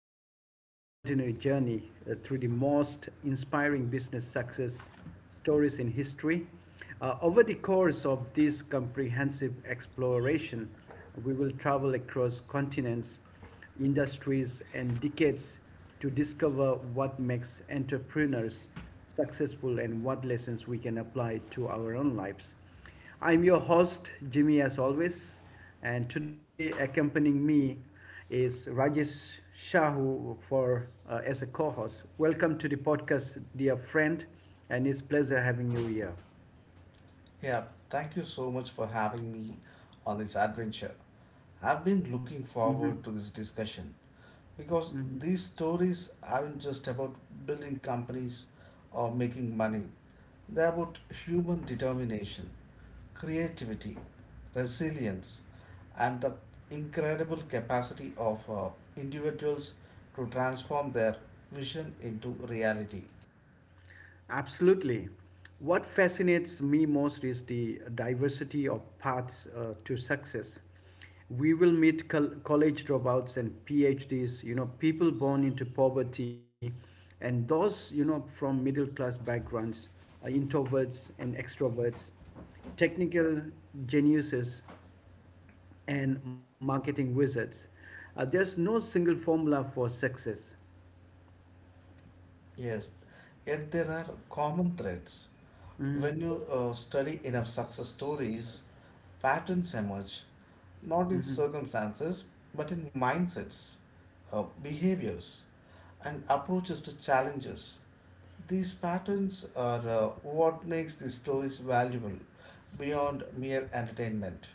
to be an extraordinary journey through the most inspiring business success stories in history. Over the course of this comprehensive exploration, we will travel across continents, industries, and decades to discover what makes entrepreneurs successful and what lessons we can apply to our own lives. I'm your host, Jimmy, as always, and today accompanying me is Rajesh Shahu for as a co-host. Welcome to the podcast, dear friend, and it's pleasure having you here. Yeah, thank you so much for having me on this adventure. I've been looking forward Mhm. to this discussion because these stories aren't just about building companies or making money, they're about human determination, creativity, resilience, and the incredible capacity of individuals to transform their vision into reality. Absolutely. What fascinates me most is the diversity of paths to success. We will meet college dropouts and PhDs, you know, people born into poverty, and those, you know, from middle class backgrounds, introverts and extroverts, technical geniuses, and marketing wizards. There's no single formula for success. Yes, yet there are common threads. Mhm. When you study enough success stories, patterns emerge, not in Mhm. circumstances, but in mindsets, behaviors, and approaches to challenges. These patterns are what makes these stories valuable beyond mere entertainment.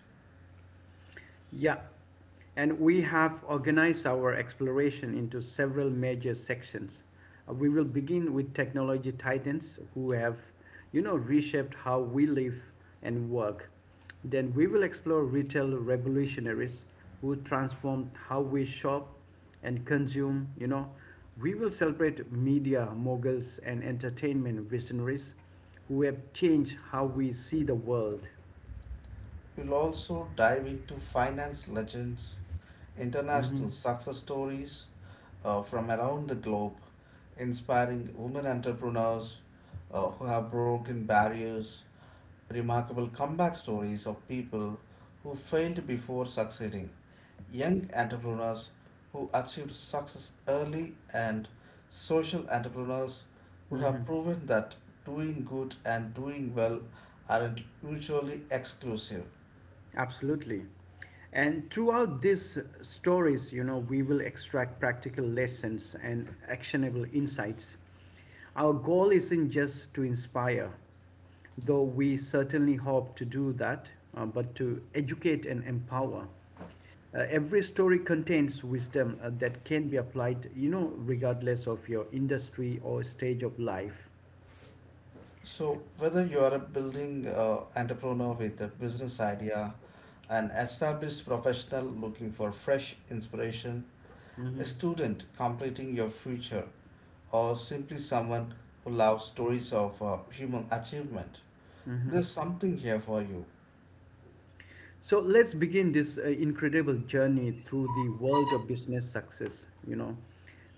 Yeah, and we have organized our exploration into several major sections. We will begin with technology titans who have, you know, reshaped how we live and work. Then we will explore retail revolutionaries who transformed how we shop and consume. We will celebrate media moguls and entertainment visionaries who have changed how we see the world. We'll also dive into finance legends, hmm international success stories, from around the globe, inspiring women entrepreneurs who have broken barriers, remarkable comeback stories of people who failed before succeeding, young entrepreneurs who achieved success early, and social entrepreneurs who hmm have proven that doing good and doing well aren't mutually exclusive. Absolutely. And throughout these stories, you know, we will extract practical lessons and actionable insights. Our goal isn't just to inspire, though we certainly hope to do that, but to educate and empower. Every story contains wisdom that can be applied, you know, regardless of your industry or stage of life. So, whether you are a building entrepreneur with a business idea, an established professional looking for fresh inspiration, a Hmm student completing your future, or simply someone who loves stories of human achievement, Mm-hmm. there's something here for you. So let's begin this incredible journey through the world of business success. You know,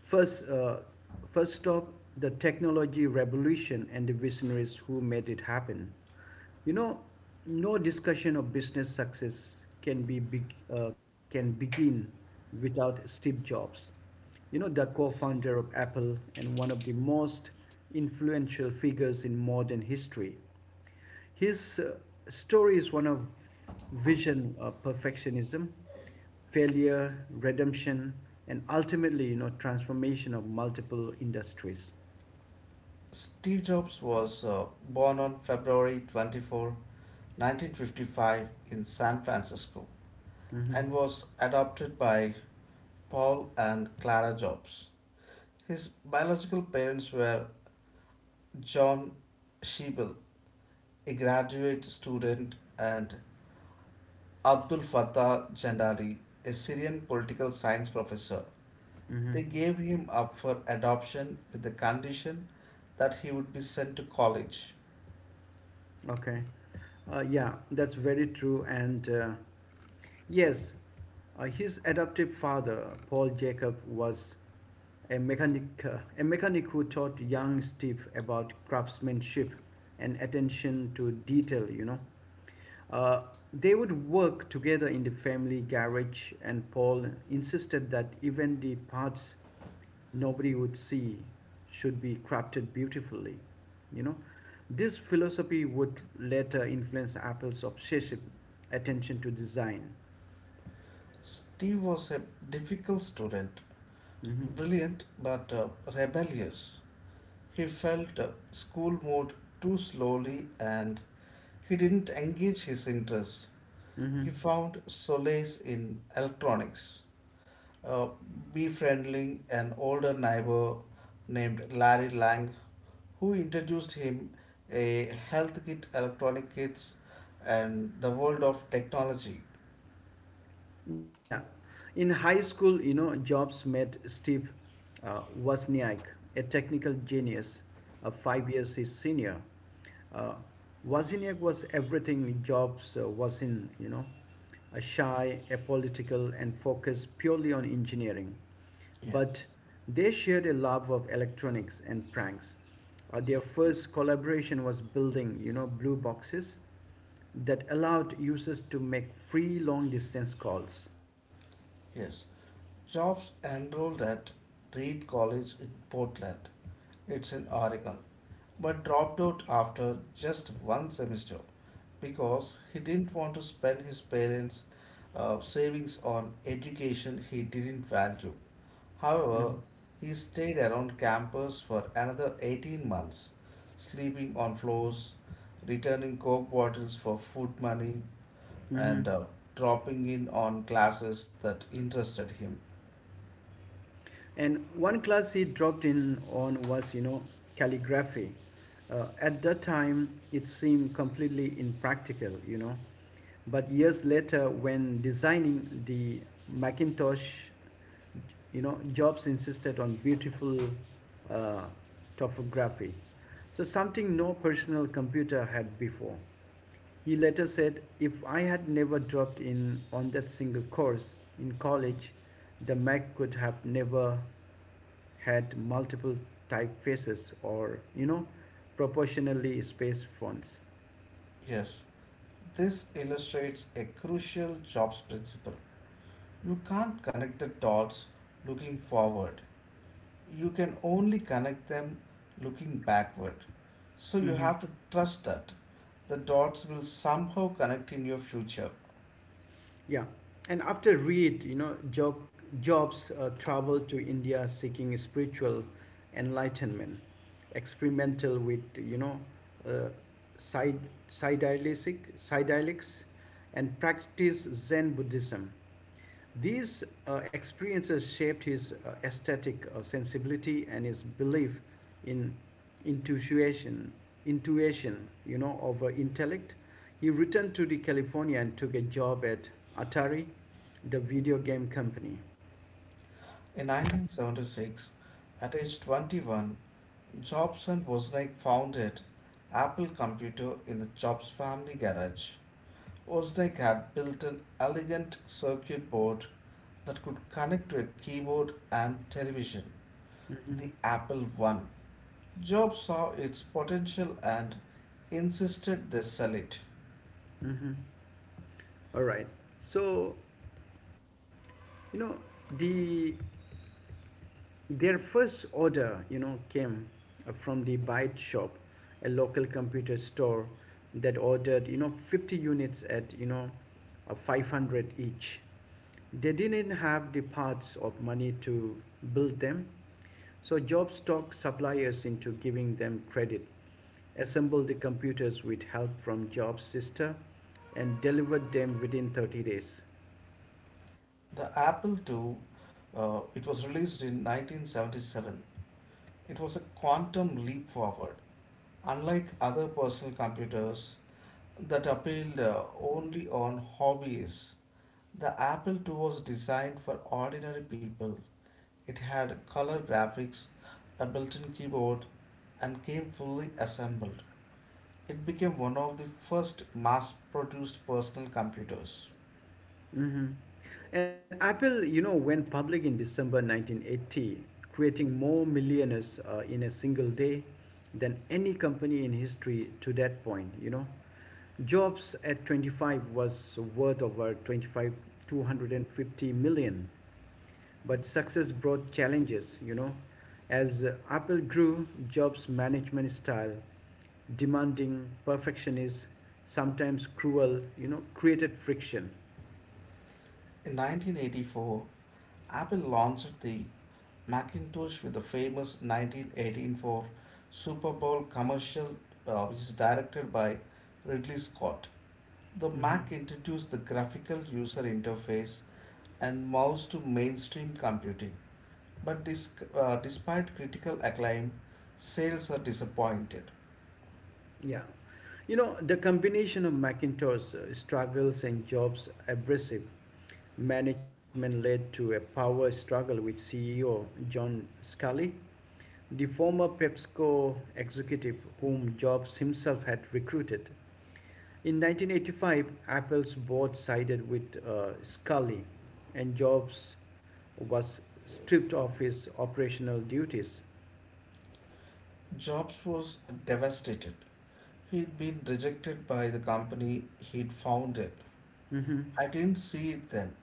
first, uh, first stop the technology revolution and the visionaries who made it happen. You know, no discussion of business success can begin without Steve Jobs. You know, the co-founder of Apple and one of the most influential figures in modern history. His story is one of vision, perfectionism, failure, redemption, and ultimately, you know, transformation of multiple industries. Steve Jobs was born on February 24, 1955 in San Francisco Mm-hmm. and was adopted by Paul and Clara Jobs. His biological parents were John Shebel, a graduate student, and Abdul Fattah Jandari, a Syrian political science professor. Mm-hmm. They gave him up for adoption with the condition that he would be sent to college. Okay. Yeah, that's very true. Yes, his adoptive father, Paul Jacob, was a mechanic who taught young Steve about craftsmanship and attention to detail, Uh, they would work together in the family garage, and Paul insisted that even the parts nobody would see should be crafted beautifully. You know, this philosophy would later influence Apple's obsessive attention to design. Steve was a difficult student, hmm brilliant but rebellious. He felt school moved too slowly and he didn't engage his interests. hmm He found solace in electronics, uh, befriending an older neighbor named Larry Lang, who introduced him a health kit, electronic kits, and the world of technology. Yeah. In high school, you know, Jobs met Steve Wozniak, a technical genius, 5 years his senior. Uh, Wozniak was everything Jobs was in, a shy, apolitical, and focused purely on engineering. Yeah, But they shared a love of electronics and pranks. Their first collaboration was building, you know, blue boxes that allowed users to make free long distance calls. yes. Jobs enrolled at Reed College in Portland. It's in Oregon, but dropped out after just one semester because he didn't want to spend his parents' savings on education he didn't value. However, Mhm. he stayed around campus for another 18 months, sleeping on floors, returning coke bottles for food money, Mhm. and dropping in on classes that interested him. And one class he dropped in on was, you know, calligraphy. At that time, it seemed completely impractical, you know. But years later, when designing the Macintosh, you know, Jobs insisted on beautiful uh, topography. So something no personal computer had before. He later said, If I had never dropped in on that single course in college, the Mac could have never had multiple typefaces or, you know, proportionally spaced fonts. Yes, this illustrates a crucial jobs principle. You can't connect the dots looking forward. You can only connect them looking backward. So you Hmm have to trust that the dots will somehow connect in your future. Yeah, and after Reed, you know, Jobs traveled to India seeking spiritual enlightenment, experimental with uh, psy- psychedelics, and practice Zen Buddhism. These experiences shaped his aesthetic sensibility and his belief in intuition, intuition, of intellect. He returned to the California and took a job at Atari, the video game company. In 1976, at age 21, Jobs and Wozniak founded Apple Computer in the Jobs family garage. Wozniak had built an elegant circuit board that could connect to a keyboard and television, Mm-hmm. the Apple I. Jobs saw its potential and insisted they sell it. Mm-hmm. All right. So, you know, the Their first order, you know, came from the Byte Shop, a local computer store that ordered, you know, 50 units at, you know, 500 each. They didn't have the parts or money to build them, so Jobs talked suppliers into giving them credit, assembled the computers with help from Jobs' sister, and delivered them within 30 days. The Apple II, it was released in 1977. It was a quantum leap forward, unlike other personal computers that appealed only on hobbyists. The Apple II was designed for ordinary people. It had color graphics, a built-in keyboard, and came fully assembled. It became one of the first mass produced personal computers. Hmm And Apple, you know, went public in December 1980, creating more millionaires in a single day than any company in history to that point, you know. Jobs at 25 was worth over 250 million. But success brought challenges, you know. As Apple grew, Jobs' management style, demanding, perfectionist, sometimes cruel, you know, created friction. In 1984, Apple launched the Macintosh with the famous 1984 Super Bowl commercial, which is directed by Ridley Scott. The Hmm Mac introduced the graphical user interface and mouse to mainstream computing. But despite critical acclaim, sales are disappointed. Yeah. You know, the combination of Macintosh struggles and Jobs' abrasive management led to a power struggle with CEO John Scully, the former PepsiCo executive whom Jobs himself had recruited. In 1985, Apple's board sided with Scully, and Jobs was stripped of his operational duties. Jobs was devastated. He'd been rejected by the company he'd founded. Hmm I didn't see it then,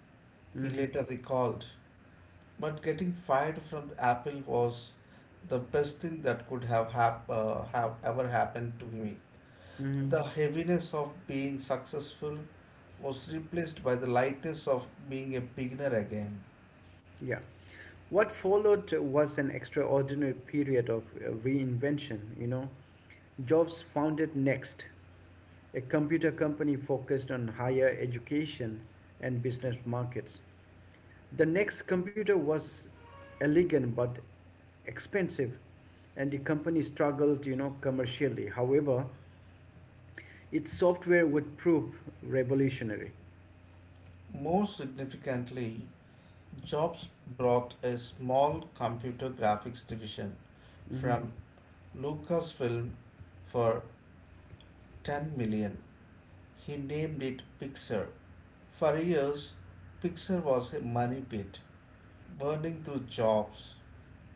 he hmm later recalled. But getting fired from Apple was the best thing that could have ever happened to me. hmm The heaviness of being successful was replaced by the lightness of being a beginner again. Yeah. What followed was an extraordinary period of reinvention, you know. Jobs founded Next, a computer company focused on higher education and business markets. The Next computer was elegant but expensive, and the company struggled, you know, commercially. However, its software would prove revolutionary. More significantly, Jobs brought a small computer graphics division Mhm. from Lucasfilm for $10 million. He named it Pixar. For years, Pixar was a money pit, burning through jobs,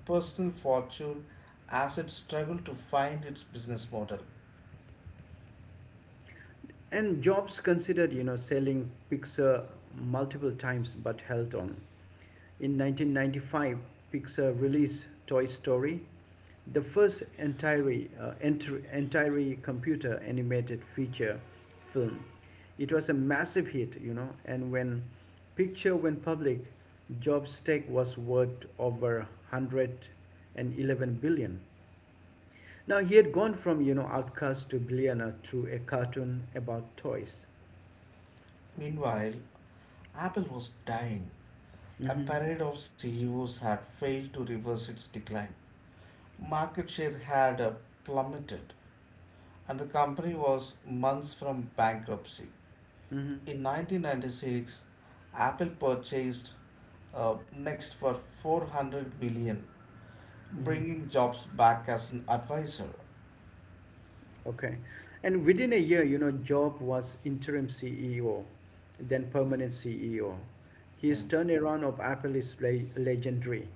personal fortune as it struggled to find its business model. And Jobs considered, you know, selling Pixar multiple times but held on. In 1995, Pixar released Toy Story, the first entirely computer animated feature film. It was a massive hit, you know, and when picture went public, Jobs' stake was worth over 111 billion. Now he had gone from you know outcast to billionaire through a cartoon about toys. Meanwhile, Apple was dying. A Mm-hmm. parade of CEOs had failed to reverse its decline. Market share had plummeted, and the company was months from bankruptcy. Mm-hmm. In 1996, Apple purchased Next for $400 million, Mm-hmm. bringing jobs back as an advisor. Okay. And within a year, you know, Job was interim CEO, then permanent CEO. Yeah. His turnaround of Apple is legendary.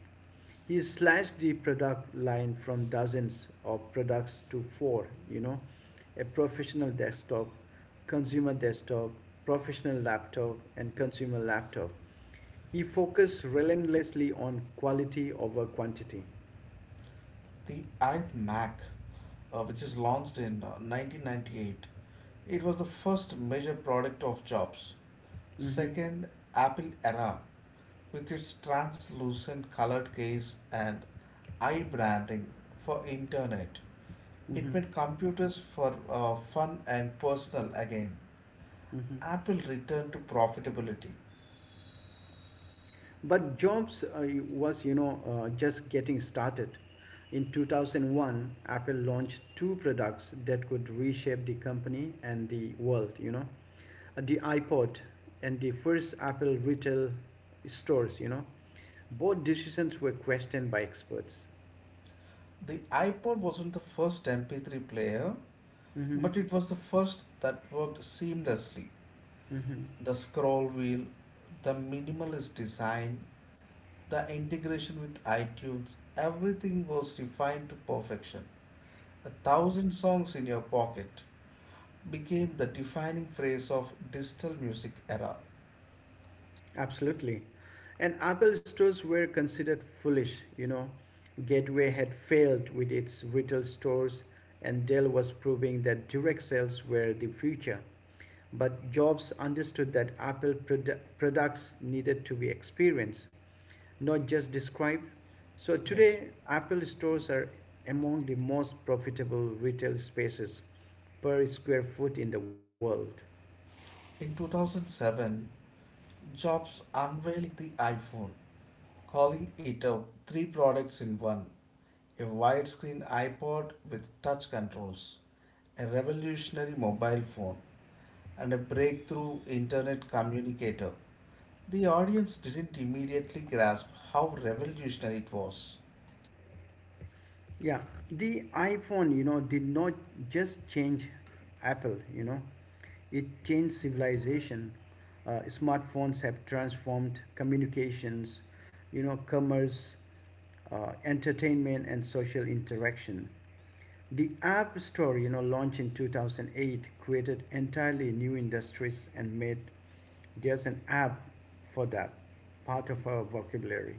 He slashed the product line from dozens of products to four, you know, a professional desktop, consumer desktop, professional laptop, and consumer laptop. He focused relentlessly on quality over quantity. The IMAC, which is launched in 1998, it was the first major product of jobs. Mm-hmm. Second, Apple era, with its translucent colored case and eye branding for internet. It Mm-hmm. made computers for fun and personal again. Mm-hmm. Apple returned to profitability. But Jobs was just getting started. In 2001, Apple launched two products that could reshape the company and the world, you know, the iPod and the first Apple retail stores, you know. Both decisions were questioned by experts. The iPod wasn't the first MP3 player, Hmm but it was the first that worked seamlessly. hmm The scroll wheel, the minimalist design, the integration with iTunes, everything was refined to perfection. A thousand songs in your pocket became the defining phrase of digital music era. Absolutely. And Apple stores were considered foolish, you know. Gateway had failed with its retail stores, and Dell was proving that direct sales were the future. But Jobs understood that Apple products needed to be experienced, not just described. So Yes. today, Apple stores are among the most profitable retail spaces per square foot in the world. In 2007, Jobs unveiled the iPhone, calling it a three products in one, a widescreen iPod with touch controls, a revolutionary mobile phone, and a breakthrough internet communicator. The audience didn't immediately grasp how revolutionary it was. Yeah, the iPhone, you know, did not just change Apple, you know, it changed civilization. Smartphones have transformed communications, you know, commerce, entertainment, and social interaction. The App Store, you know, launched in 2008, created entirely new industries and made there's an app for that part of our vocabulary.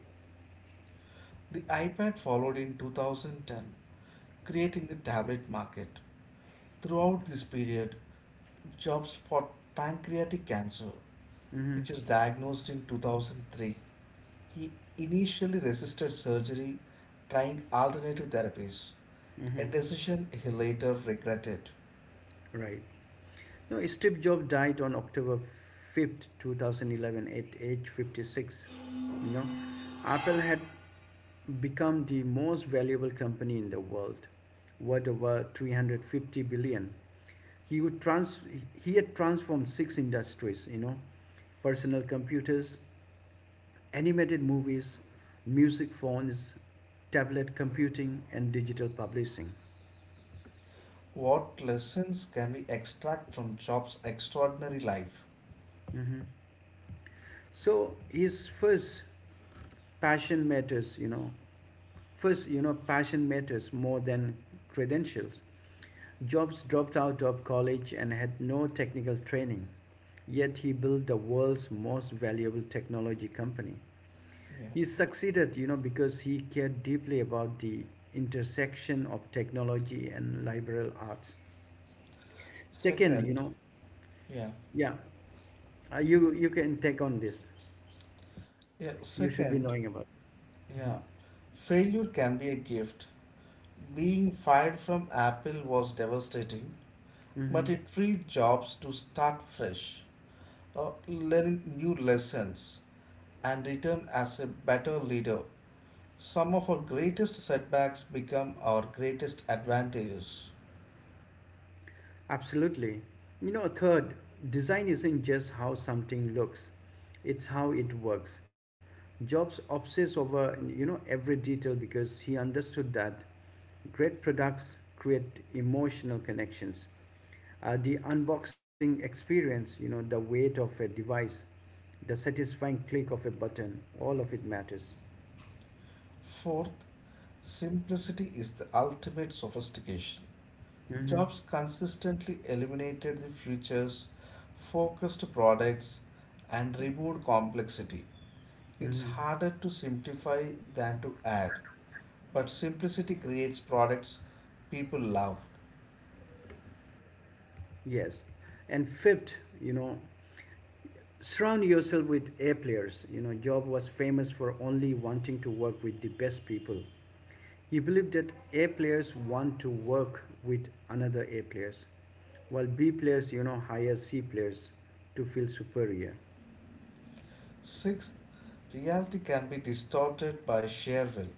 The iPad followed in 2010, creating the tablet market. Throughout this period, Jobs fought pancreatic cancer, Mm-hmm. which is diagnosed in 2003. He initially resisted surgery, trying alternative therapies, Mm-hmm. a decision he later regretted. Right. No, Steve Jobs died on October 5th, 2011, at age 56. You know, Apple had become the most valuable company in the world, worth over 350 billion. He would trans he had transformed six industries. You know, personal computers, animated movies, music phones, tablet computing, and digital publishing. What lessons can we extract from Jobs' extraordinary life? Mhm. So his first passion matters, you know. First, you know, passion matters more than credentials. Jobs dropped out of college and had no technical training, yet he built the world's most valuable technology company. Yeah. He succeeded, you know, because he cared deeply about the intersection of technology and liberal arts. Second, you Second, know, yeah. yeah, you you can take on this. Yeah. You should be knowing Second, about. Mm-hmm. yeah, failure can be a gift. Being fired from Apple was devastating, Mm-hmm. but it freed jobs to start fresh, learning new lessons, and return as a better leader. Some of our greatest setbacks become our greatest advantages. Absolutely. You know, third, design isn't just how something looks, it's how it works. Jobs obsess over, you know, every detail because he understood that great products create emotional connections. The unboxing experience, you know, the weight of a device, the satisfying click of a button, all of it matters. Fourth, simplicity is the ultimate sophistication. Mm-hmm. Jobs consistently eliminated the futures, focused products, and removed complexity. It's Mm-hmm. harder to simplify than to add, but simplicity creates products people love. Yes. And fifth, you know, surround yourself with A players. You know, Job was famous for only wanting to work with the best people. He believed that A players want to work with another A players, while B players, you know, hire C players to feel superior. Sixth, reality can be distorted by sheer will.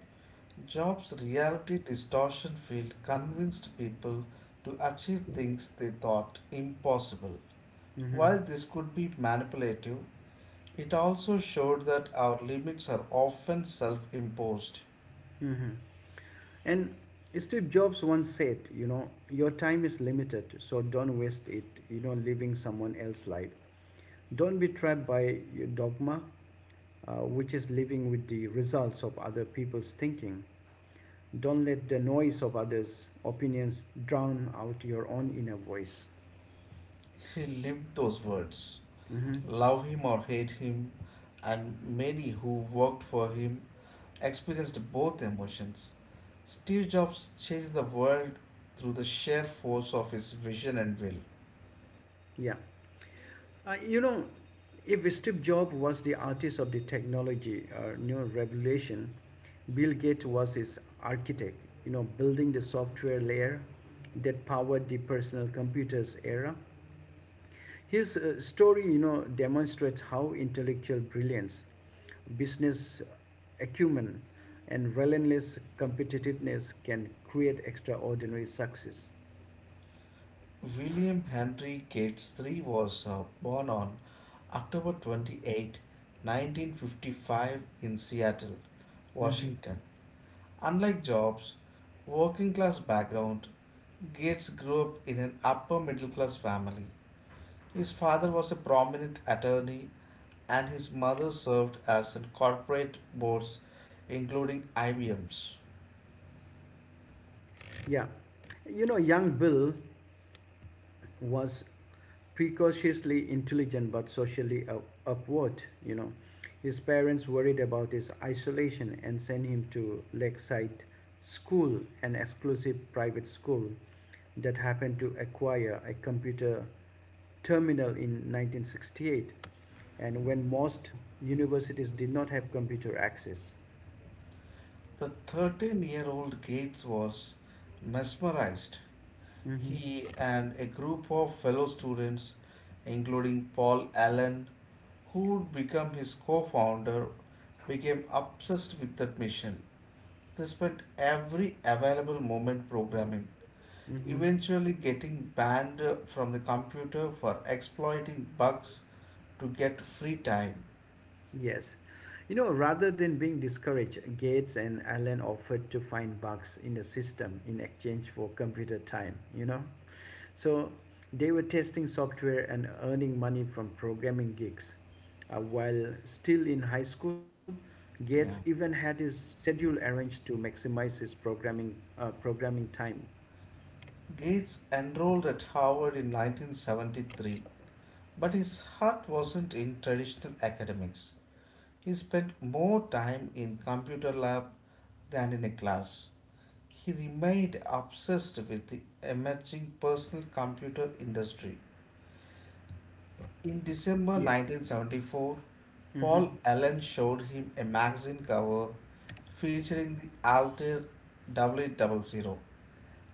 Jobs' reality distortion field convinced people to achieve things they thought impossible. Mm-hmm. While this could be manipulative, it also showed that our limits are often self imposed. Mm-hmm. And Steve Jobs once said, you know, your time is limited, so don't waste it, you know, living someone else's life. Don't be trapped by your dogma, which is living with the results of other people's thinking. Don't let the noise of others' opinions drown out your own inner voice. He lived those words. Hmm Love him or hate him, and many who worked for him experienced both emotions. Steve Jobs changed the world through the sheer force of his vision and will. Yeah. You know, if Steve Jobs was the artist of the technology or new revolution, Bill Gates was his architect, you know, building the software layer that powered the personal computers era. His story, you know, demonstrates how intellectual brilliance, business acumen, and relentless competitiveness can create extraordinary success. William Henry Gates III was born on October 28, 1955, in Seattle, Mhm. Washington. Unlike Jobs' working class background, Gates grew up in an upper middle class family. His father was a prominent attorney, and his mother served as in corporate boards, including IBM's. Yeah. You know, young Bill was precociously intelligent but socially upward, you know. His parents worried about his isolation and sent him to Lakeside School, an exclusive private school that happened to acquire a computer terminal in 1968 and when most universities did not have computer access. The 13 year old Gates was mesmerized. Mhm. He and a group of fellow students, including Paul Allen, who would become his co founder, became obsessed with that mission. They spent every available moment programming, Mhm. eventually getting banned from the computer for exploiting bugs to get free time. Yes. Rather than being discouraged, Gates and Allen offered to find bugs in the system in exchange for computer time. So they were testing software and earning money from programming gigs. While still in high school, Gates Yeah. even had his schedule arranged to maximize his programming time. Gates enrolled at Harvard in 1973, but his heart wasn't in traditional academics. He spent more time in computer lab than in a class. He remained obsessed with the emerging personal computer industry. In December Yeah. 1974, Mm-hmm. Paul Allen showed him a magazine cover featuring the Altair double 0000, zero,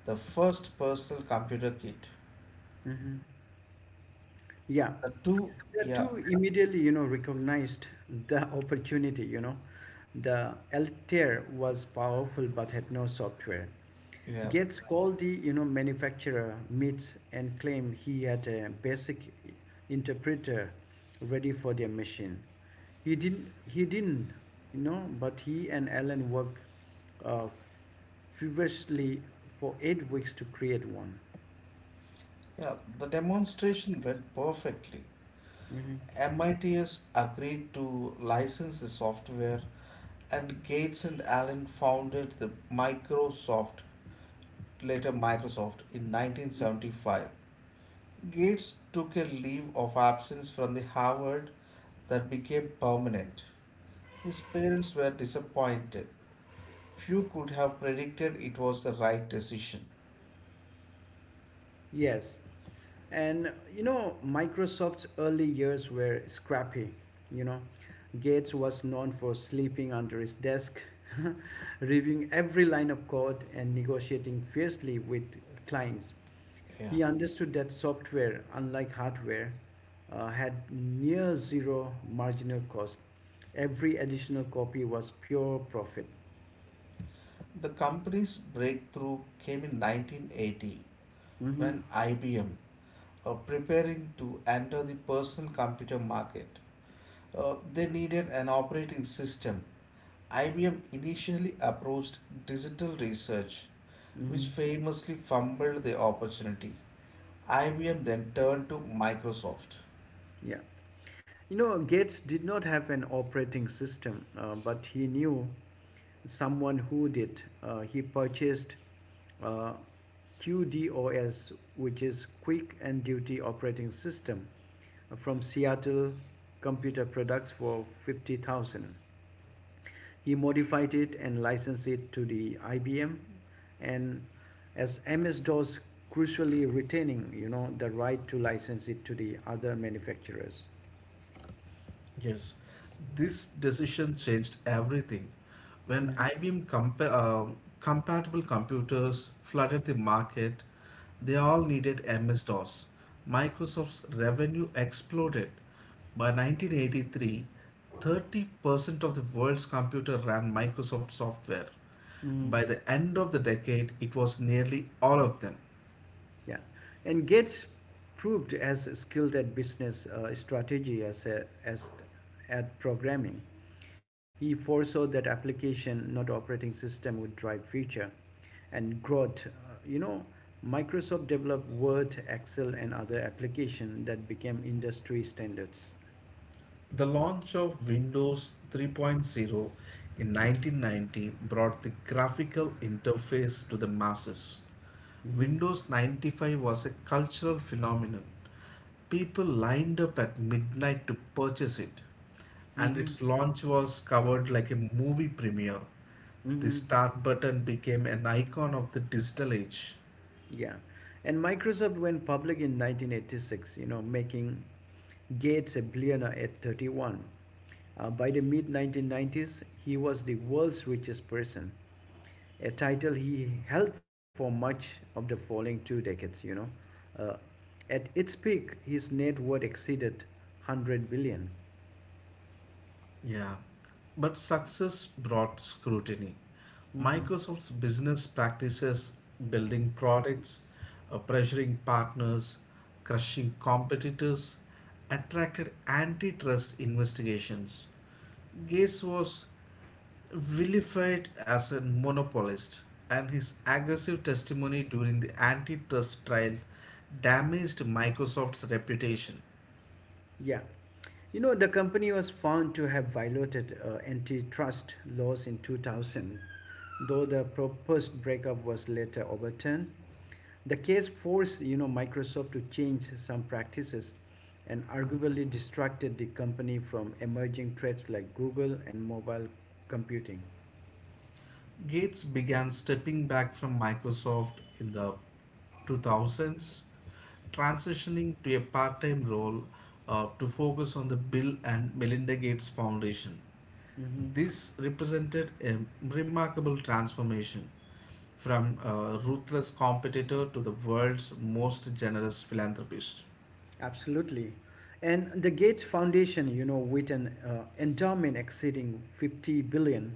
the first personal computer kit. Mm-hmm. Yeah. The two, The yeah, two immediately, recognized the opportunity. The Altair was powerful but had no software. yeah, Gates called the manufacturer MITS and claimed he had a basic interpreter ready for their machine. He didn't, but he and Alan worked uh, feverishly for 8 weeks to create one. yeah, the demonstration went perfectly. Mhm. MITS agreed to license the software, and Gates and Allen founded the Microsoft, later Microsoft, in 1975. Gates took a leave of absence from the Harvard that became permanent. His parents were disappointed. Few could have predicted it was the right decision. Yes. And Microsoft's early years were scrappy. You know, Gates was known for sleeping under his desk, reviewing every line of code, and negotiating fiercely with clients. Yeah. He understood that software, unlike hardware, had near zero marginal cost. Every additional copy was pure profit. The company's breakthrough came in 1980 Mm-hmm. when IBM were preparing to enter the personal computer market. They needed an operating system. IBM initially approached digital research, which Mm-hmm. famously fumbled the opportunity. IBM then turned to Microsoft. Yeah. Gates did not have an operating system, but he knew someone who did. He purchased uh, QDOS, which is Quick and Duty Operating System, from Seattle Computer Products for 50,000. He modified it and licensed it to the IBM, and as MS-DOS crucially retaining, the right to license it to the other manufacturers. Yes, this decision changed everything. When Mm-hmm. IBM compatible computers flooded the market, they all needed MS-DOS. Microsoft's revenue exploded. By 1983, 30% of the world's computer ran Microsoft software. Mhm. By the end of the decade, it was nearly all of them. Yeah, and Gates proved as skilled at business strategy as at programming. He foresaw that application, not operating system, would drive future and growth. You know, Microsoft developed Word, Excel, and other applications that became industry standards. The launch of Windows 3.0 in 1990 brought the graphical interface to the masses. Hmm. Windows 95 was a cultural phenomenon. People lined up at midnight to purchase it, and Hmm. its launch was covered like a movie premiere. The Hmm. start button became an icon of the digital age. Yeah, and Microsoft went public in 1986. Making Gates a billionaire at 31. By the mid 1990s, he was the world's richest person, a title he held for much of the following 2 decades. Uh, at its peak, his net worth exceeded 100 billion. Yeah, but success brought scrutiny. Mm-hmm. Microsoft's business practices, building products, pressuring partners, crushing competitors, attracted antitrust investigations. Gates was vilified as a monopolist, and his aggressive testimony during the antitrust trial damaged Microsoft's reputation. Yeah. The company was found to have violated antitrust laws in 2000, though the proposed breakup was later overturned. The case forced, Microsoft to change some practices and arguably distracted the company from emerging threats like Google and mobile computing. Gates began stepping back from Microsoft in the 2000s, transitioning to a part time role to focus on the Bill and Melinda Gates Foundation. Mhm. This represented a remarkable transformation from a ruthless competitor to the world's most generous philanthropist. Absolutely. And the Gates Foundation, with an endowment exceeding 50 billion,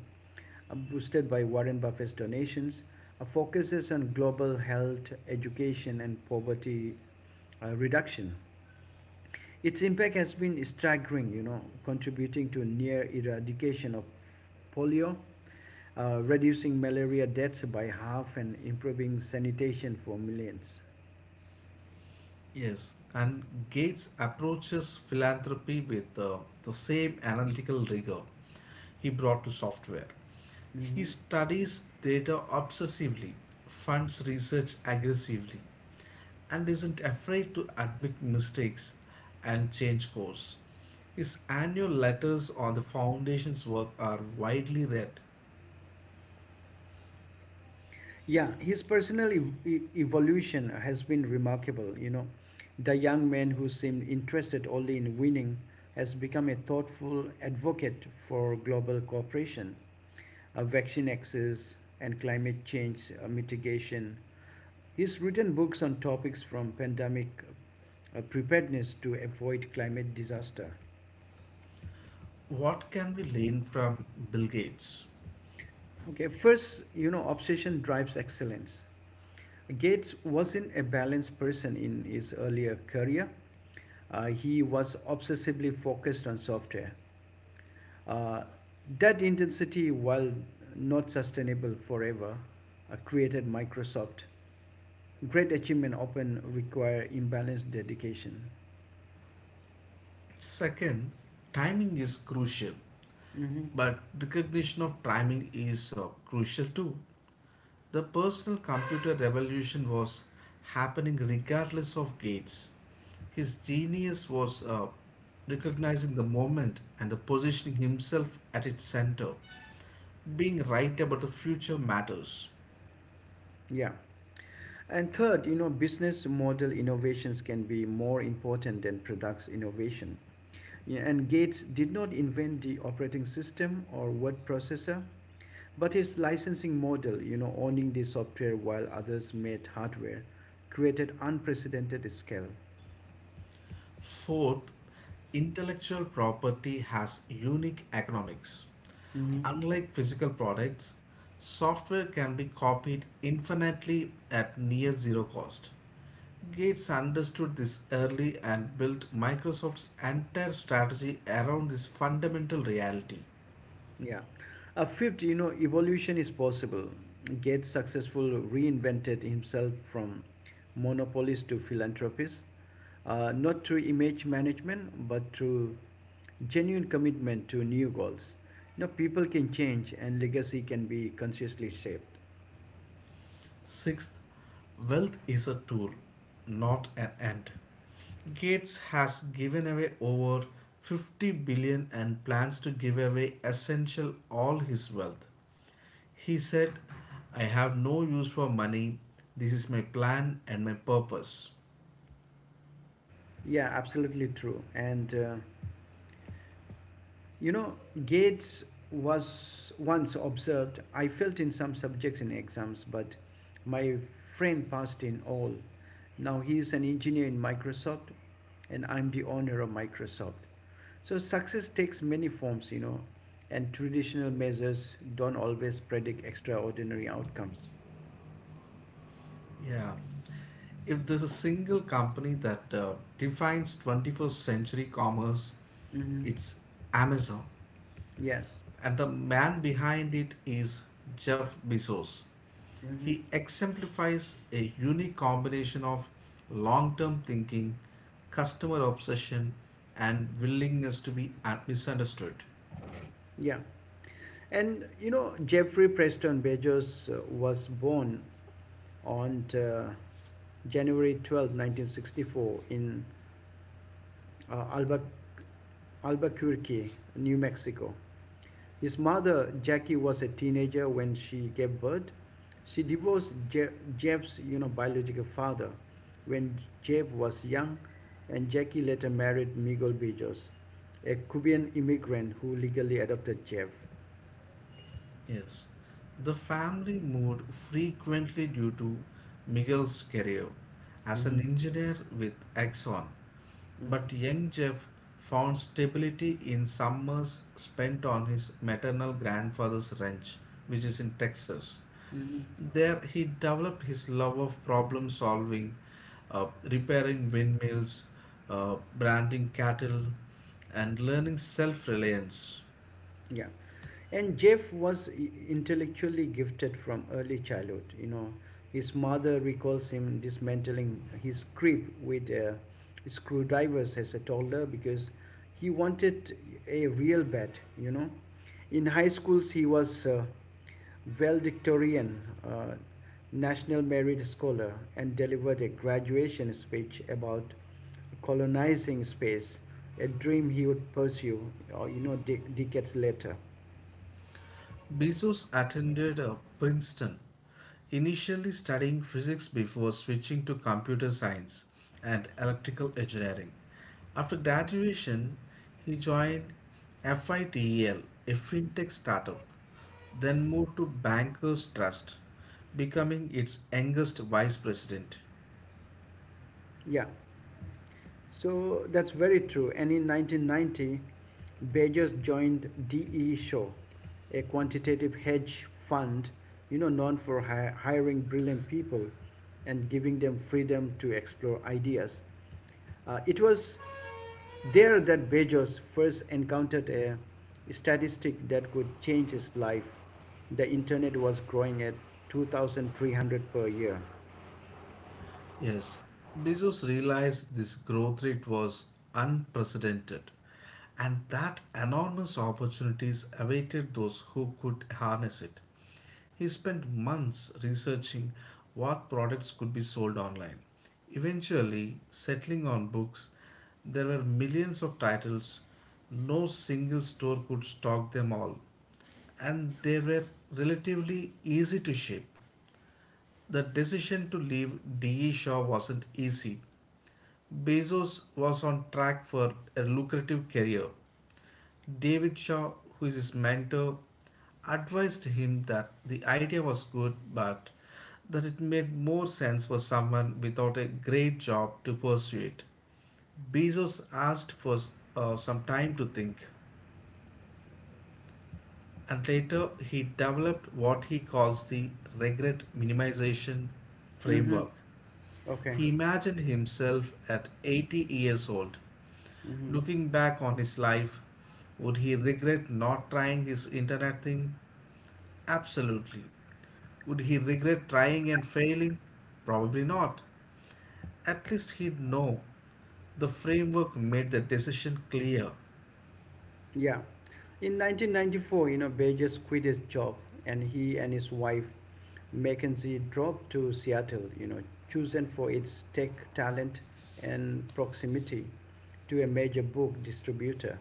boosted by Warren Buffett's donations, focuses on global health, education, and poverty reduction. Its impact has been staggering, contributing to near eradication of polio, reducing malaria deaths by half, and improving sanitation for millions. Yes, and Gates approaches philanthropy with the same analytical rigor he brought to software. He Mhm. studies data obsessively, funds research aggressively, and isn't afraid to admit mistakes and change course. His annual letters on the foundation's work are widely read. Yeah, his personal evolution has been remarkable. The young man who seemed interested only in winning has become a thoughtful advocate for global cooperation, vaccine access, and climate change mitigation. He's written books on topics from pandemic preparedness to avoid climate disaster. What can we learn from Bill Gates? Okay, first, obsession drives excellence. Gates wasn't a balanced person in his earlier career. He was obsessively focused on software. Uh, that intensity, while not sustainable forever, created Microsoft. Great achievement often require imbalanced dedication. Second, timing is crucial. Mhm. But recognition of timing is crucial too. The personal computer revolution was happening regardless of Gates. His genius was recognizing the moment and the positioning himself at its center. Being right about the future matters. Yeah. And third, business model innovations can be more important than products innovation. Yeah, and Gates did not invent the operating system or word processor. But his licensing model, owning the software while others made hardware, created unprecedented scale. Fourth, intellectual property has unique economics. Hmm. Unlike physical products, software can be copied infinitely at near zero cost. Gates understood this early and built Microsoft's entire strategy around this fundamental reality. Yeah. A fifth, evolution is possible. Gates successful reinvented himself from monopolist to philanthropist, not through image management, but through genuine commitment to new goals. People can change and legacy can be consciously shaped. Sixth, wealth is a tool, not an end. Gates has given away over 50 billion dollars and plans to give away essential all his wealth. He said, I have no use for money. This is my plan and my purpose. Yeah, absolutely true. And You know, Gates was once observed I failed in some subjects in exams, but my friend passed in all. Now he is an engineer in Microsoft, and I'm the owner of Microsoft. So, success takes many forms, and traditional measures don't always predict extraordinary outcomes. Yeah. If there's a single company that defines 21st century commerce, Hmm. it's Amazon. Yes. And the man behind it is Jeff Bezos. Hmm. He exemplifies a unique combination of long term thinking, customer obsession, and willingness to be misunderstood. Yeah. And Jeffrey Preston Bezos was born on January 12th, 1964, in uh, Alba, Albuquerque, New Mexico. His mother, Jackie, was a teenager when she gave birth. She divorced Jeff's biological father when Jeff was young, and Jackie later married Miguel Bijos, a Cuban immigrant who legally adopted Jeff. Yes, the family moved frequently due to Miguel's career as an Mhm. engineer with Exxon, but young Jeff found stability in summers spent on his maternal grandfather's ranch, which is in Texas. Mhm. There, he developed his love of problem solving, repairing windmills, branding cattle, and learning self reliance. Yeah. And Jeff was intellectually gifted from early childhood. His mother recalls him dismantling his crib with screwdrivers as a toddler because he wanted a real bed. In high schools he was valedictorian, uh, national merit scholar, and delivered a graduation speech about colonizing space, a dream he would pursue, or decades later. Bezos attended Princeton, initially studying physics before switching to computer science and electrical engineering. After graduation, he joined FITEL, a fintech startup, then moved to Bankers Trust, becoming its youngest vice president. Yeah, so that's very true. And in 1990, Bezos joined DE Shaw, a quantitative hedge fund, known for hiring brilliant people and giving them freedom to explore ideas. It was there that Bezos first encountered a statistic that could change his life. The internet was growing at 2,300 per year. Yes, Bezos realized this growth rate was unprecedented and that enormous opportunities awaited those who could harness it. He spent months researching what products could be sold online. Eventually, settling on books, there were millions of titles. No single store could stock them all, and they were relatively easy to ship. The decision to leave DE Shaw wasn't easy. Bezos was on track for a lucrative career. David Shaw, who is his mentor, advised him that the idea was good but that it made more sense for someone without a great job to pursue it. Bezos asked for some time to think, and later he developed what he calls the regret minimization Mm-hmm. framework. Okay. He imagined himself at 80 years old Mm-hmm. looking back on his life. Would he regret not trying his internet thing? Absolutely. Would he regret trying and failing? Probably not. At least he'd know the framework made the decision clear. Yeah. In 1994, Burgess quit his job and he and his wife, Mackenzie, dropped to Seattle, chosen for its tech talent and proximity to a major book distributor.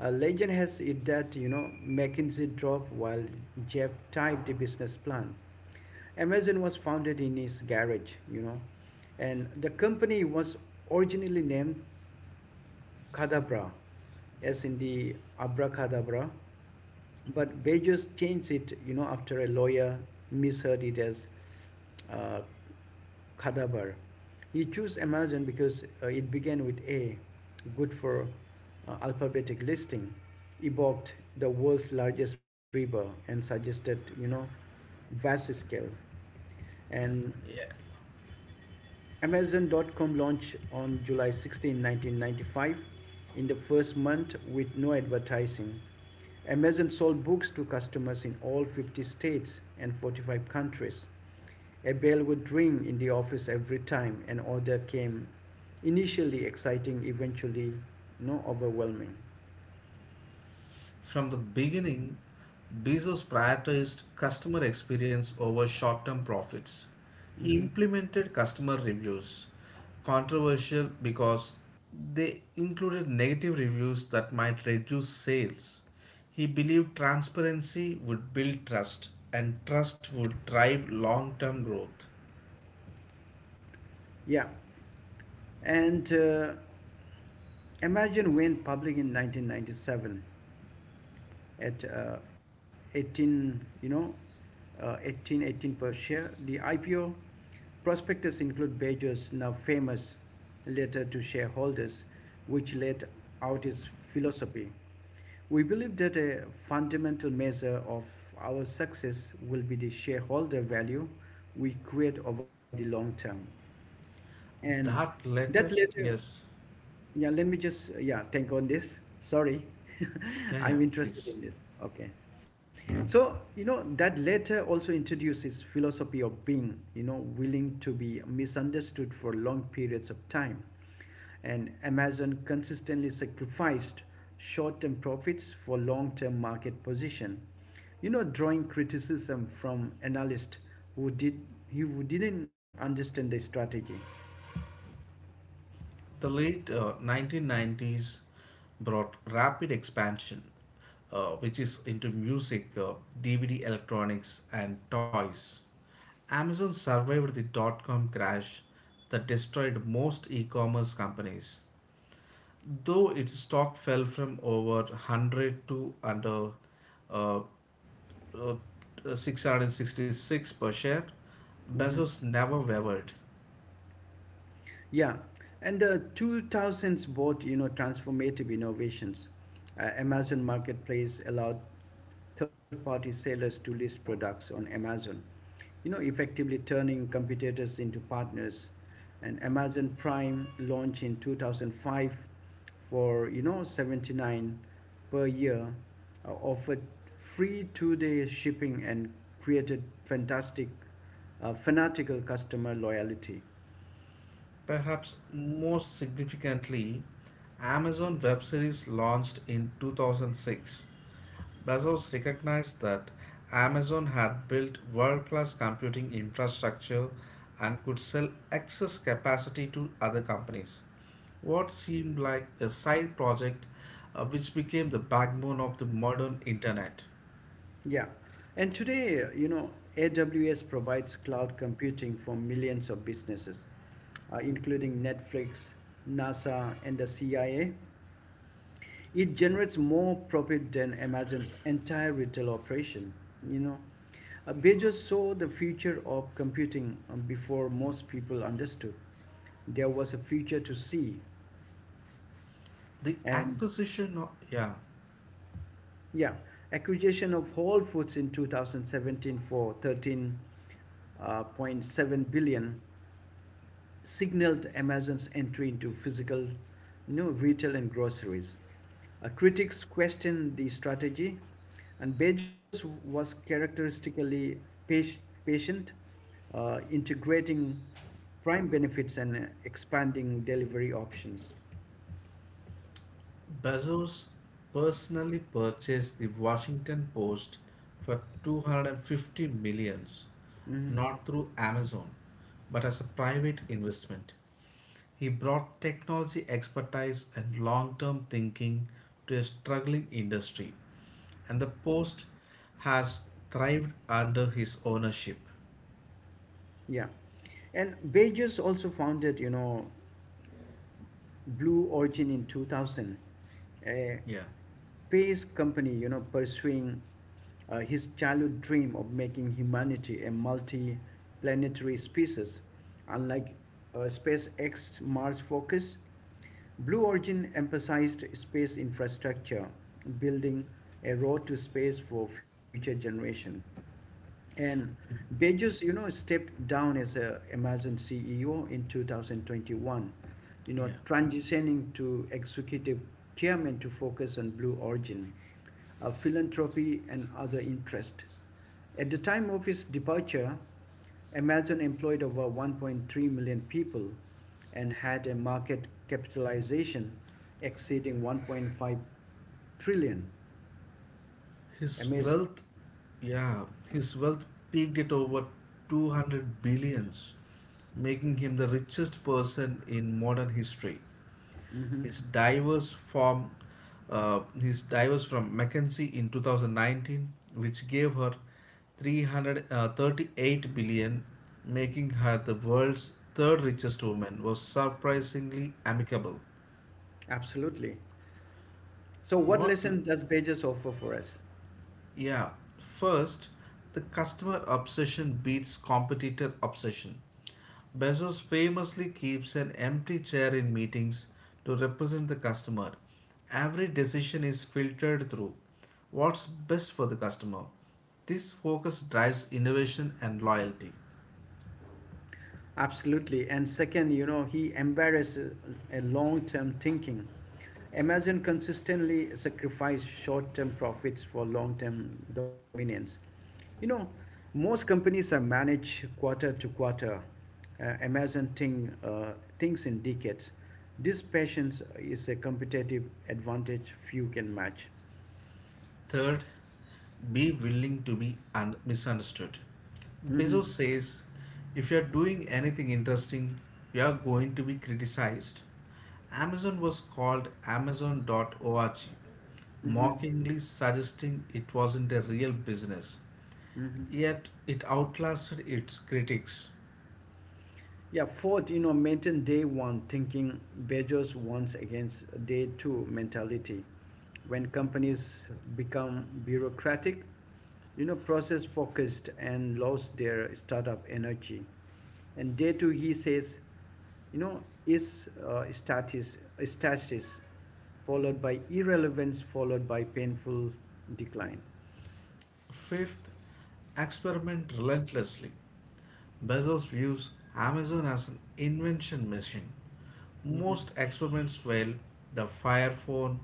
Legend has it that, Mackenzie dropped while Jeff typed a business plan. Amazon was founded in his garage, and the company was originally named Kadabra, as in the abracadabra. But they just changed it, after a lawyer misheard it as uh, Kadabar. He chose Amazon because it began with A, good for alphabetic listing, evoked the world's largest river and suggested, vast scale. And Amazon.com launched on July 16, 1995, in the first month with no advertising. Amazon sold books to customers in all 50 states and 45 countries. A bell would ring in the office every time an order came. Initially exciting, eventually, no overwhelming. From the beginning, Bezos prioritized customer experience over short term profits. He Mm-hmm. implemented customer reviews, controversial because they included negative reviews that might reduce sales. He believed transparency would build trust, and trust would drive long term growth. Yeah. And Amazon went public in 1997 at 18, 18 per share. The IPO prospectus include Beijing's now famous letter to shareholders, which laid out his philosophy. We believe that a fundamental measure of our success will be the shareholder value we create over the long term. And That that letter, letter, yes. yeah, let me just, yeah, think on this. Sorry. Yeah, yeah, I'm please. interested in this. Okay. So that letter also introduces philosophy of being willing to be misunderstood for long periods of time, and Amazon consistently sacrificed short-term profits for long-term market position, drawing criticism from analysts who did who didn't understand the strategy. The late 1990s brought rapid expansion, which is into music, DVD electronics, and toys. Amazon survived the dot com crash that destroyed most e commerce companies. Though its stock fell from over 100 to under uh, uh, 666 per share, Bezos never wavered. Yeah, and the 2000s brought transformative innovations. Amazon Marketplace allowed third-party sellers to list products on Amazon, effectively turning competitors into partners. And Amazon Prime launched in 2005 for 79 per year, offered free 2-day shipping and created fanatical customer loyalty. Perhaps most significantly, Amazon Web Series launched in 2006. Bezos recognized that Amazon had built world class computing infrastructure and could sell excess capacity to other companies. What seemed like a side project, which became the backbone of the modern internet. Yeah. And today, AWS provides cloud computing for millions of businesses, including Netflix, NASA, and the CIA. It generates more profit than Amazon's entire retail operation, you know. Bezos saw the future of computing before most people understood. There was a future to see, The and acquisition of, yeah. yeah, acquisition of Whole Foods in 2017 for 13.7 billion signaled Amazon's entry into physical, retail and groceries. Critics questioned the strategy, and Bezos was characteristically patient, patient, integrating prime benefits and expanding delivery options. Bezos personally purchased the Washington Post for 250 millions, Mhm. not through Amazon, but as a private investment. He brought technology expertise and long-term thinking to a struggling industry, and the Post has thrived under his ownership. Yeah. And Bezos also founded, Blue Origin in 2000, a Yeah, space company, pursuing his childhood dream of making humanity a multi-planetary species. Unlike SpaceX Mars Focus, Blue Origin emphasized space infrastructure, building a road to space for future generations. And Bezos, stepped down as a Amazon CEO in 2021, yeah. Transitioning to executive chairman to focus on Blue Origin, philanthropy, and other interests. At the time of his departure, Amazon employed over 1.3 million people and had a market capitalization exceeding 1.5 trillion. His Amazing. wealth, yeah, his wealth peaked at over 200 billions, making him the richest person in modern history. Hmm. His diverse form, his divorce from Mackenzie in 2019, which gave her 338 billion, making her the world's third richest woman, was surprisingly amicable. Absolutely. So, what What? lesson does Bezos offer for us? Yeah, first, the customer obsession beats competitor obsession. Bezos famously keeps an empty chair in meetings to represent the customer. Every decision is filtered through what's best for the customer. This focus drives innovation and loyalty. Absolutely. And second, he embarrasses a long term thinking. Amazon consistently sacrificed short term profits for long term dominance. You know, Most companies are managed quarter to quarter. Amazon thinks in decades. This patience is a competitive advantage few can match. Third, be willing to be misunderstood. Hmm. Bezos says if you are doing anything interesting, you are going to be criticized. Amazon was called Amazon.org, Hmm. mockingly suggesting it wasn't a real business. Hmm. Yet it outlasted its critics. Yeah, fourth, maintain day one thinking beggars once against day two mentality. When companies become bureaucratic, process focused and lost their startup energy. And day two, he says, is stasis followed by irrelevance, followed by painful decline. Fifth, experiment relentlessly. Bezos views Amazon as an invention machine. Most experiments failed. The Fire Phone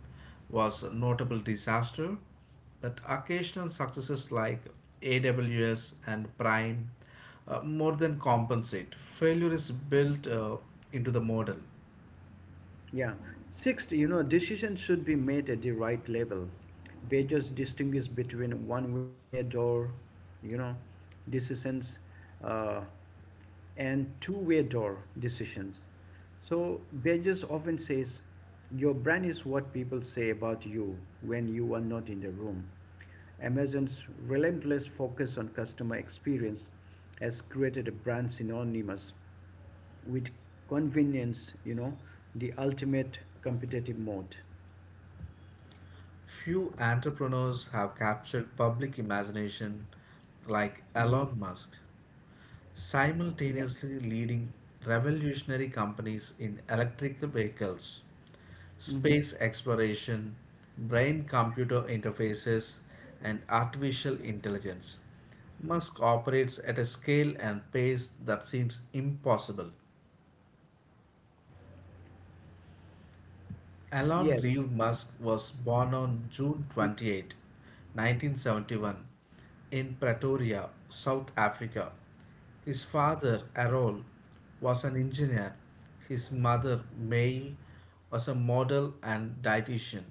was a notable disaster, but occasional successes like AWS and Prime more than compensate. Failure is built into the model. Yeah. Sixth, decisions should be made at the right level. They just distinguish between one-way door, you know, decisions, uh, and two-way door decisions. So they often says, your brand is what people say about you when you are not in the room. Amazon's relentless focus on customer experience has created a brand synonymous with convenience, the ultimate competitive mode. Few entrepreneurs have captured public imagination like Mhm. Elon Musk, Yeah. simultaneously leading revolutionary companies in electric vehicles, Hmm. space exploration, brain computer interfaces, and artificial intelligence. Musk operates at a scale and pace that seems impossible. Elon Yes. Reeve Musk was born on June 28, 1971, in Pretoria, South Africa. His father, Errol, was an engineer. His mother, May, was a model and dietitian.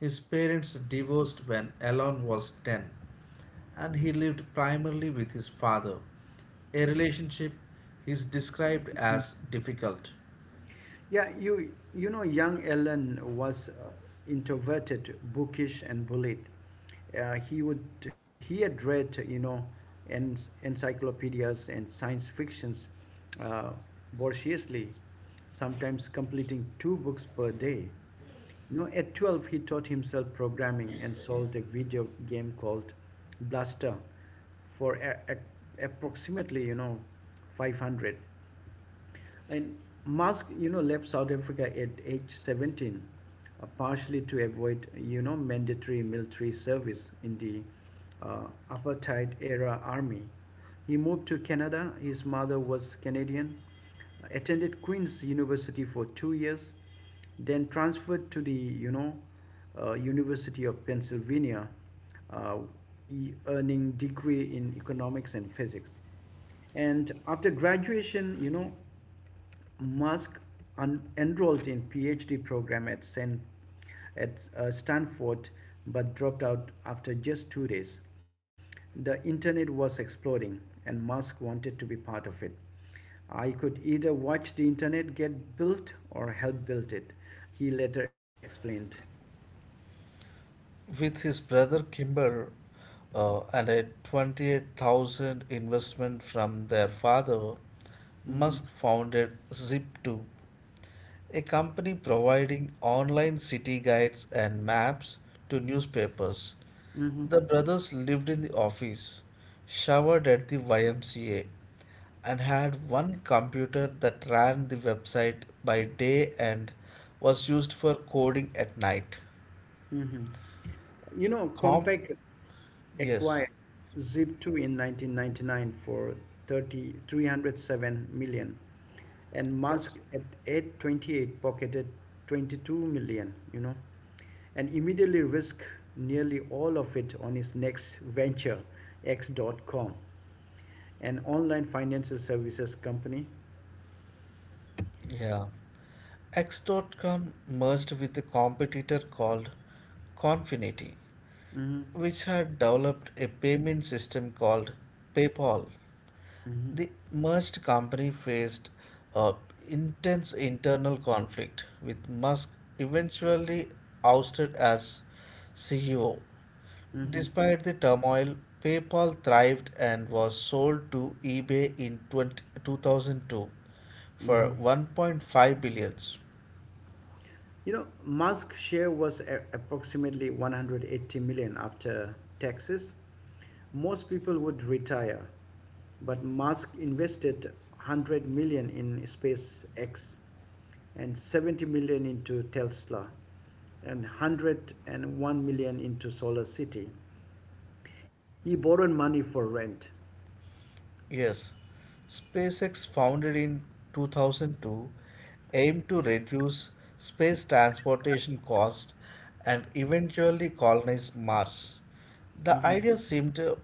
His parents divorced when Alon was 10, and he lived primarily with his father, a relationship he is described as difficult. Yeah, young Ellen was introverted, bookish, and bullied. Uh, he would he had read en- encyclopedias and science fictions, uh, voraciously, sometimes completing two books per day. At 12, he taught himself programming and solved a video game called Blaster for approximately, 500. And Musk, left South Africa at age 17, partially to avoid, mandatory military service in the uh, apartheid era army. He moved to Canada. His mother was Canadian, attended Queen's University for 2 years, then transferred to the, University of Pennsylvania, uh, earning degree in economics and physics. And after graduation, Musk enrolled in PhD program at Stanford, but dropped out after just 2 days. The internet was exploding, and Musk wanted to be part of it. I could either watch the internet get built or help build it, he later explained. With his brother Kimber and a 28,000 investment from their father, Hmm. Musk founded Zip2, a company providing online city guides and maps to newspapers. Hmm. The brothers lived in the office, showered at the YMCA, and had one computer that ran the website by day and was used for coding at night. Hmm. Com Compaq yes, acquired Zip2 in 1999 for thirty three hundred seven million, and yes. Musk at 828 pocketed 22 million, and immediately risked nearly all of it on his next venture, X.com, an online financial services company. Yeah. X. dot com merged with a competitor called Confinity, Mm-hmm. which had developed a payment system called PayPal. Mm-hmm. The merged company faced a intense internal conflict, with Musk eventually ousted as CEO. Mm-hmm. Despite the turmoil, PayPal thrived and was sold to eBay in 2002 for Mm-hmm. 1.5 billions. Musk's share was approximately 180 million after taxes. Most people would retire, but Musk invested 100 million in SpaceX and 70 million into Tesla and 101 million into Solar City. He borrowed money for rent. Yes, SpaceX, founded in 2002, aimed to reduce space transportation costs and eventually colonize Mars. The Mm-hmm. idea seemed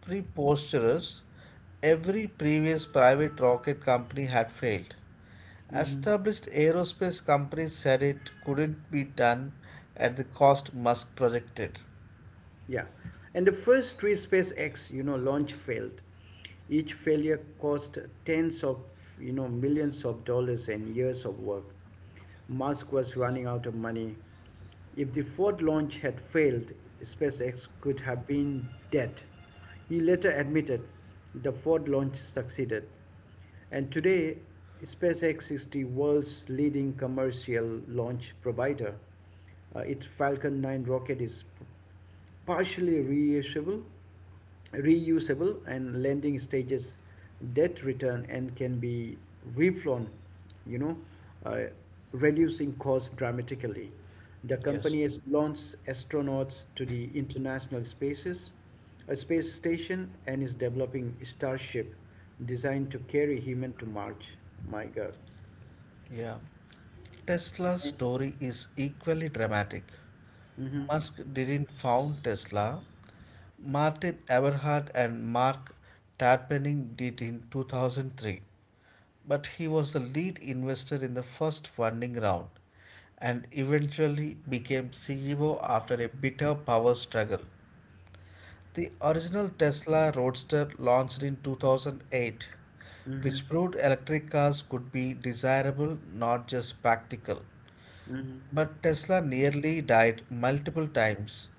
preposterous. Every previous private rocket company had failed. Mm-hmm. Established aerospace companies said it couldn't be done at the cost Musk projected. Yeah. And the first three SpaceX, launch failed. Each failure cost tens of, millions of dollars and years of work. Musk was running out of money. If the fourth launch had failed, SpaceX could have been dead. He later admitted the fourth launch succeeded. And today, SpaceX is the world's leading commercial launch provider. Its Falcon 9 rocket is partially reusable and lending stages debt return and can be reflown, you know, uh, reducing costs dramatically. The Yes. company has launched astronauts to the international spaces, a space station, and is developing Starship designed to carry human to Mars. My God. Yeah. Tesla's story is equally dramatic. Mm-hmm. Musk didn't found Tesla. Martin Eberhard and Mark Tarpenning did in 2003. But he was the lead investor in the first funding round and eventually became CEO after a bitter power struggle. The original Tesla Roadster launched in 2008, Mm-hmm. which proved electric cars could be desirable, not just practical. Mm-hmm. But Tesla nearly died multiple times.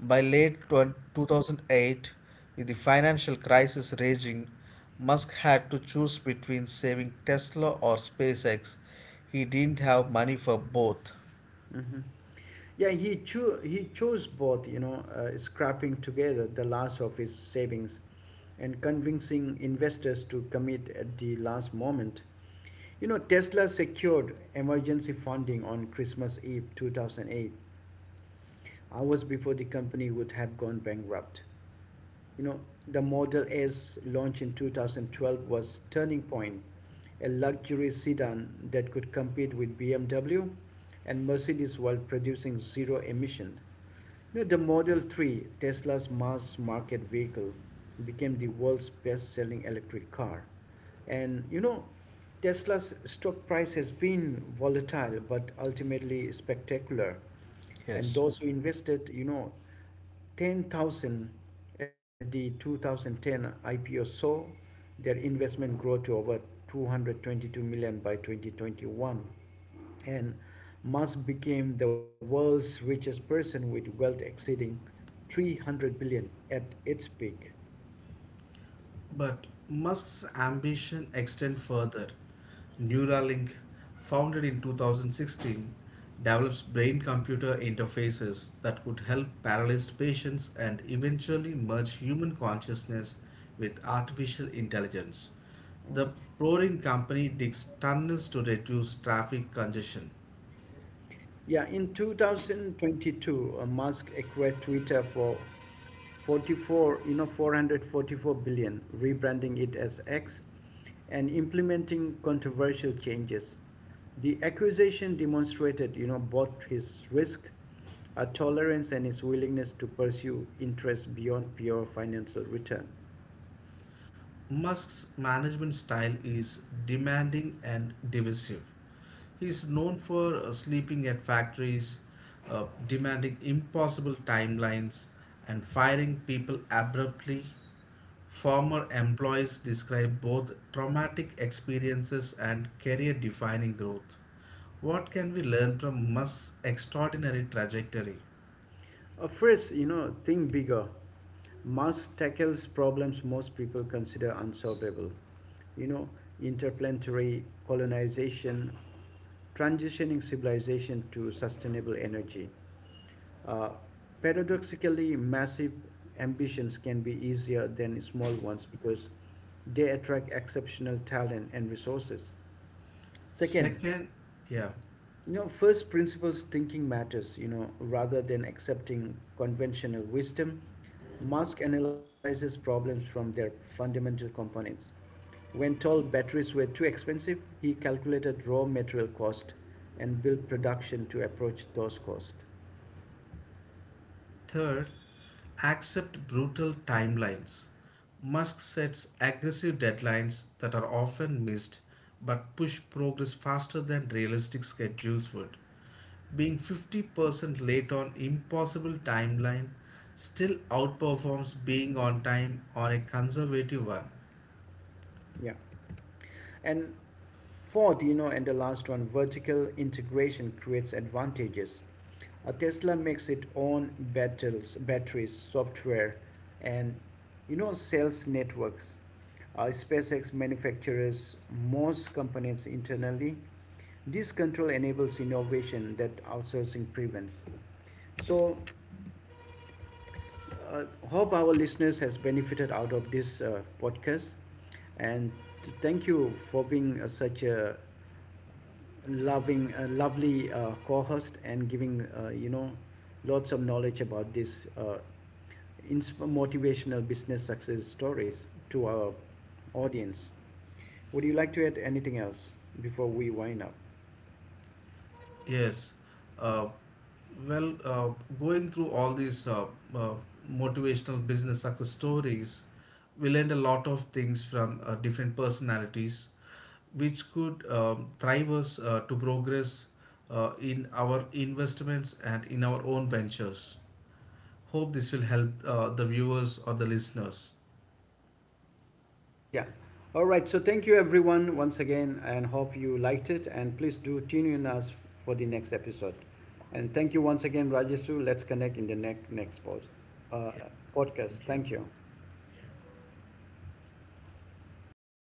By late 2008, with the financial crisis raging, Musk had to choose between saving Tesla or SpaceX. He didn't have money for both. Hmm. Yeah, he chose both, scrapping together the last of his savings and convincing investors to commit at the last moment. Tesla secured emergency funding on Christmas Eve 2008, hours before the company would have gone bankrupt you know, the Model S launched in 2012 was turning point, a luxury sedan that could compete with BMW and Mercedes while producing zero emission. The Model 3, Tesla's mass market vehicle, became the world's best-selling electric car. And Tesla's stock price has been volatile but ultimately spectacular. And Yes. those who invested, 10,000 at the 2010 IPO saw their investment grow to over $222 million by 2021, and Musk became the world's richest person with wealth exceeding $300 billion at its peak. But Musk's ambition extend further. Neuralink, founded in 2016, develops brain-computer interfaces that could help paralyzed patients and eventually merge human consciousness with artificial intelligence. The Mm. Prorin company digs tunnels to reduce traffic congestion. Yeah, in 2022, Musk acquired Twitter for 444 billion, rebranding it as X and implementing controversial changes. The accusation demonstrated, both his risk tolerance and his willingness to pursue interests beyond pure financial return. Musk's management style is demanding and divisive. He's known for sleeping at factories, demanding impossible timelines, and firing people abruptly. Former employees describe both traumatic experiences and career defining growth. What can we learn from Musk's extraordinary trajectory? First, think bigger. Musk tackles problems most people consider unsolvable. You know, Interplanetary colonization, transitioning civilization to sustainable energy. Uh, Paradoxically, massive ambitions can be easier than small ones because they attract exceptional talent and resources. Second, Second, yeah. First principles thinking matters, rather than accepting conventional wisdom. Musk analyzes problems from their fundamental components. When tall batteries were too expensive, he calculated raw material cost and built production to approach those costs. Third, accept brutal timelines. Musk sets aggressive deadlines that are often missed but push progress faster than realistic schedules would. Being 50% late on impossible timeline still outperforms being on time on a conservative one. Yeah. And fourth, and the last one, vertical integration creates advantages. Tesla makes its own battles, batteries, software, and sales networks. SpaceX manufactures most components internally. This control enables innovation that outsourcing prevents. So, hope our listeners has benefited out of this podcast, and thank you for being such a loving a lovely co-host and giving lots of knowledge about this motivational business success stories to our audience. Would you like to add anything else before we wind up? Yes. Uh, well, going through all these uh, motivational business success stories, we learned a lot of things from different personalities, which could drive us to progress in our investments and in our own ventures. Hope this will help the viewers or the listeners. Yeah. All right, so thank you everyone once again, and hope you liked it, and please do tune in us for the next episode. And thank you once again, Rajesh. Let's connect in the next uh, Yeah, podcast. thank you. Thank you. Yeah.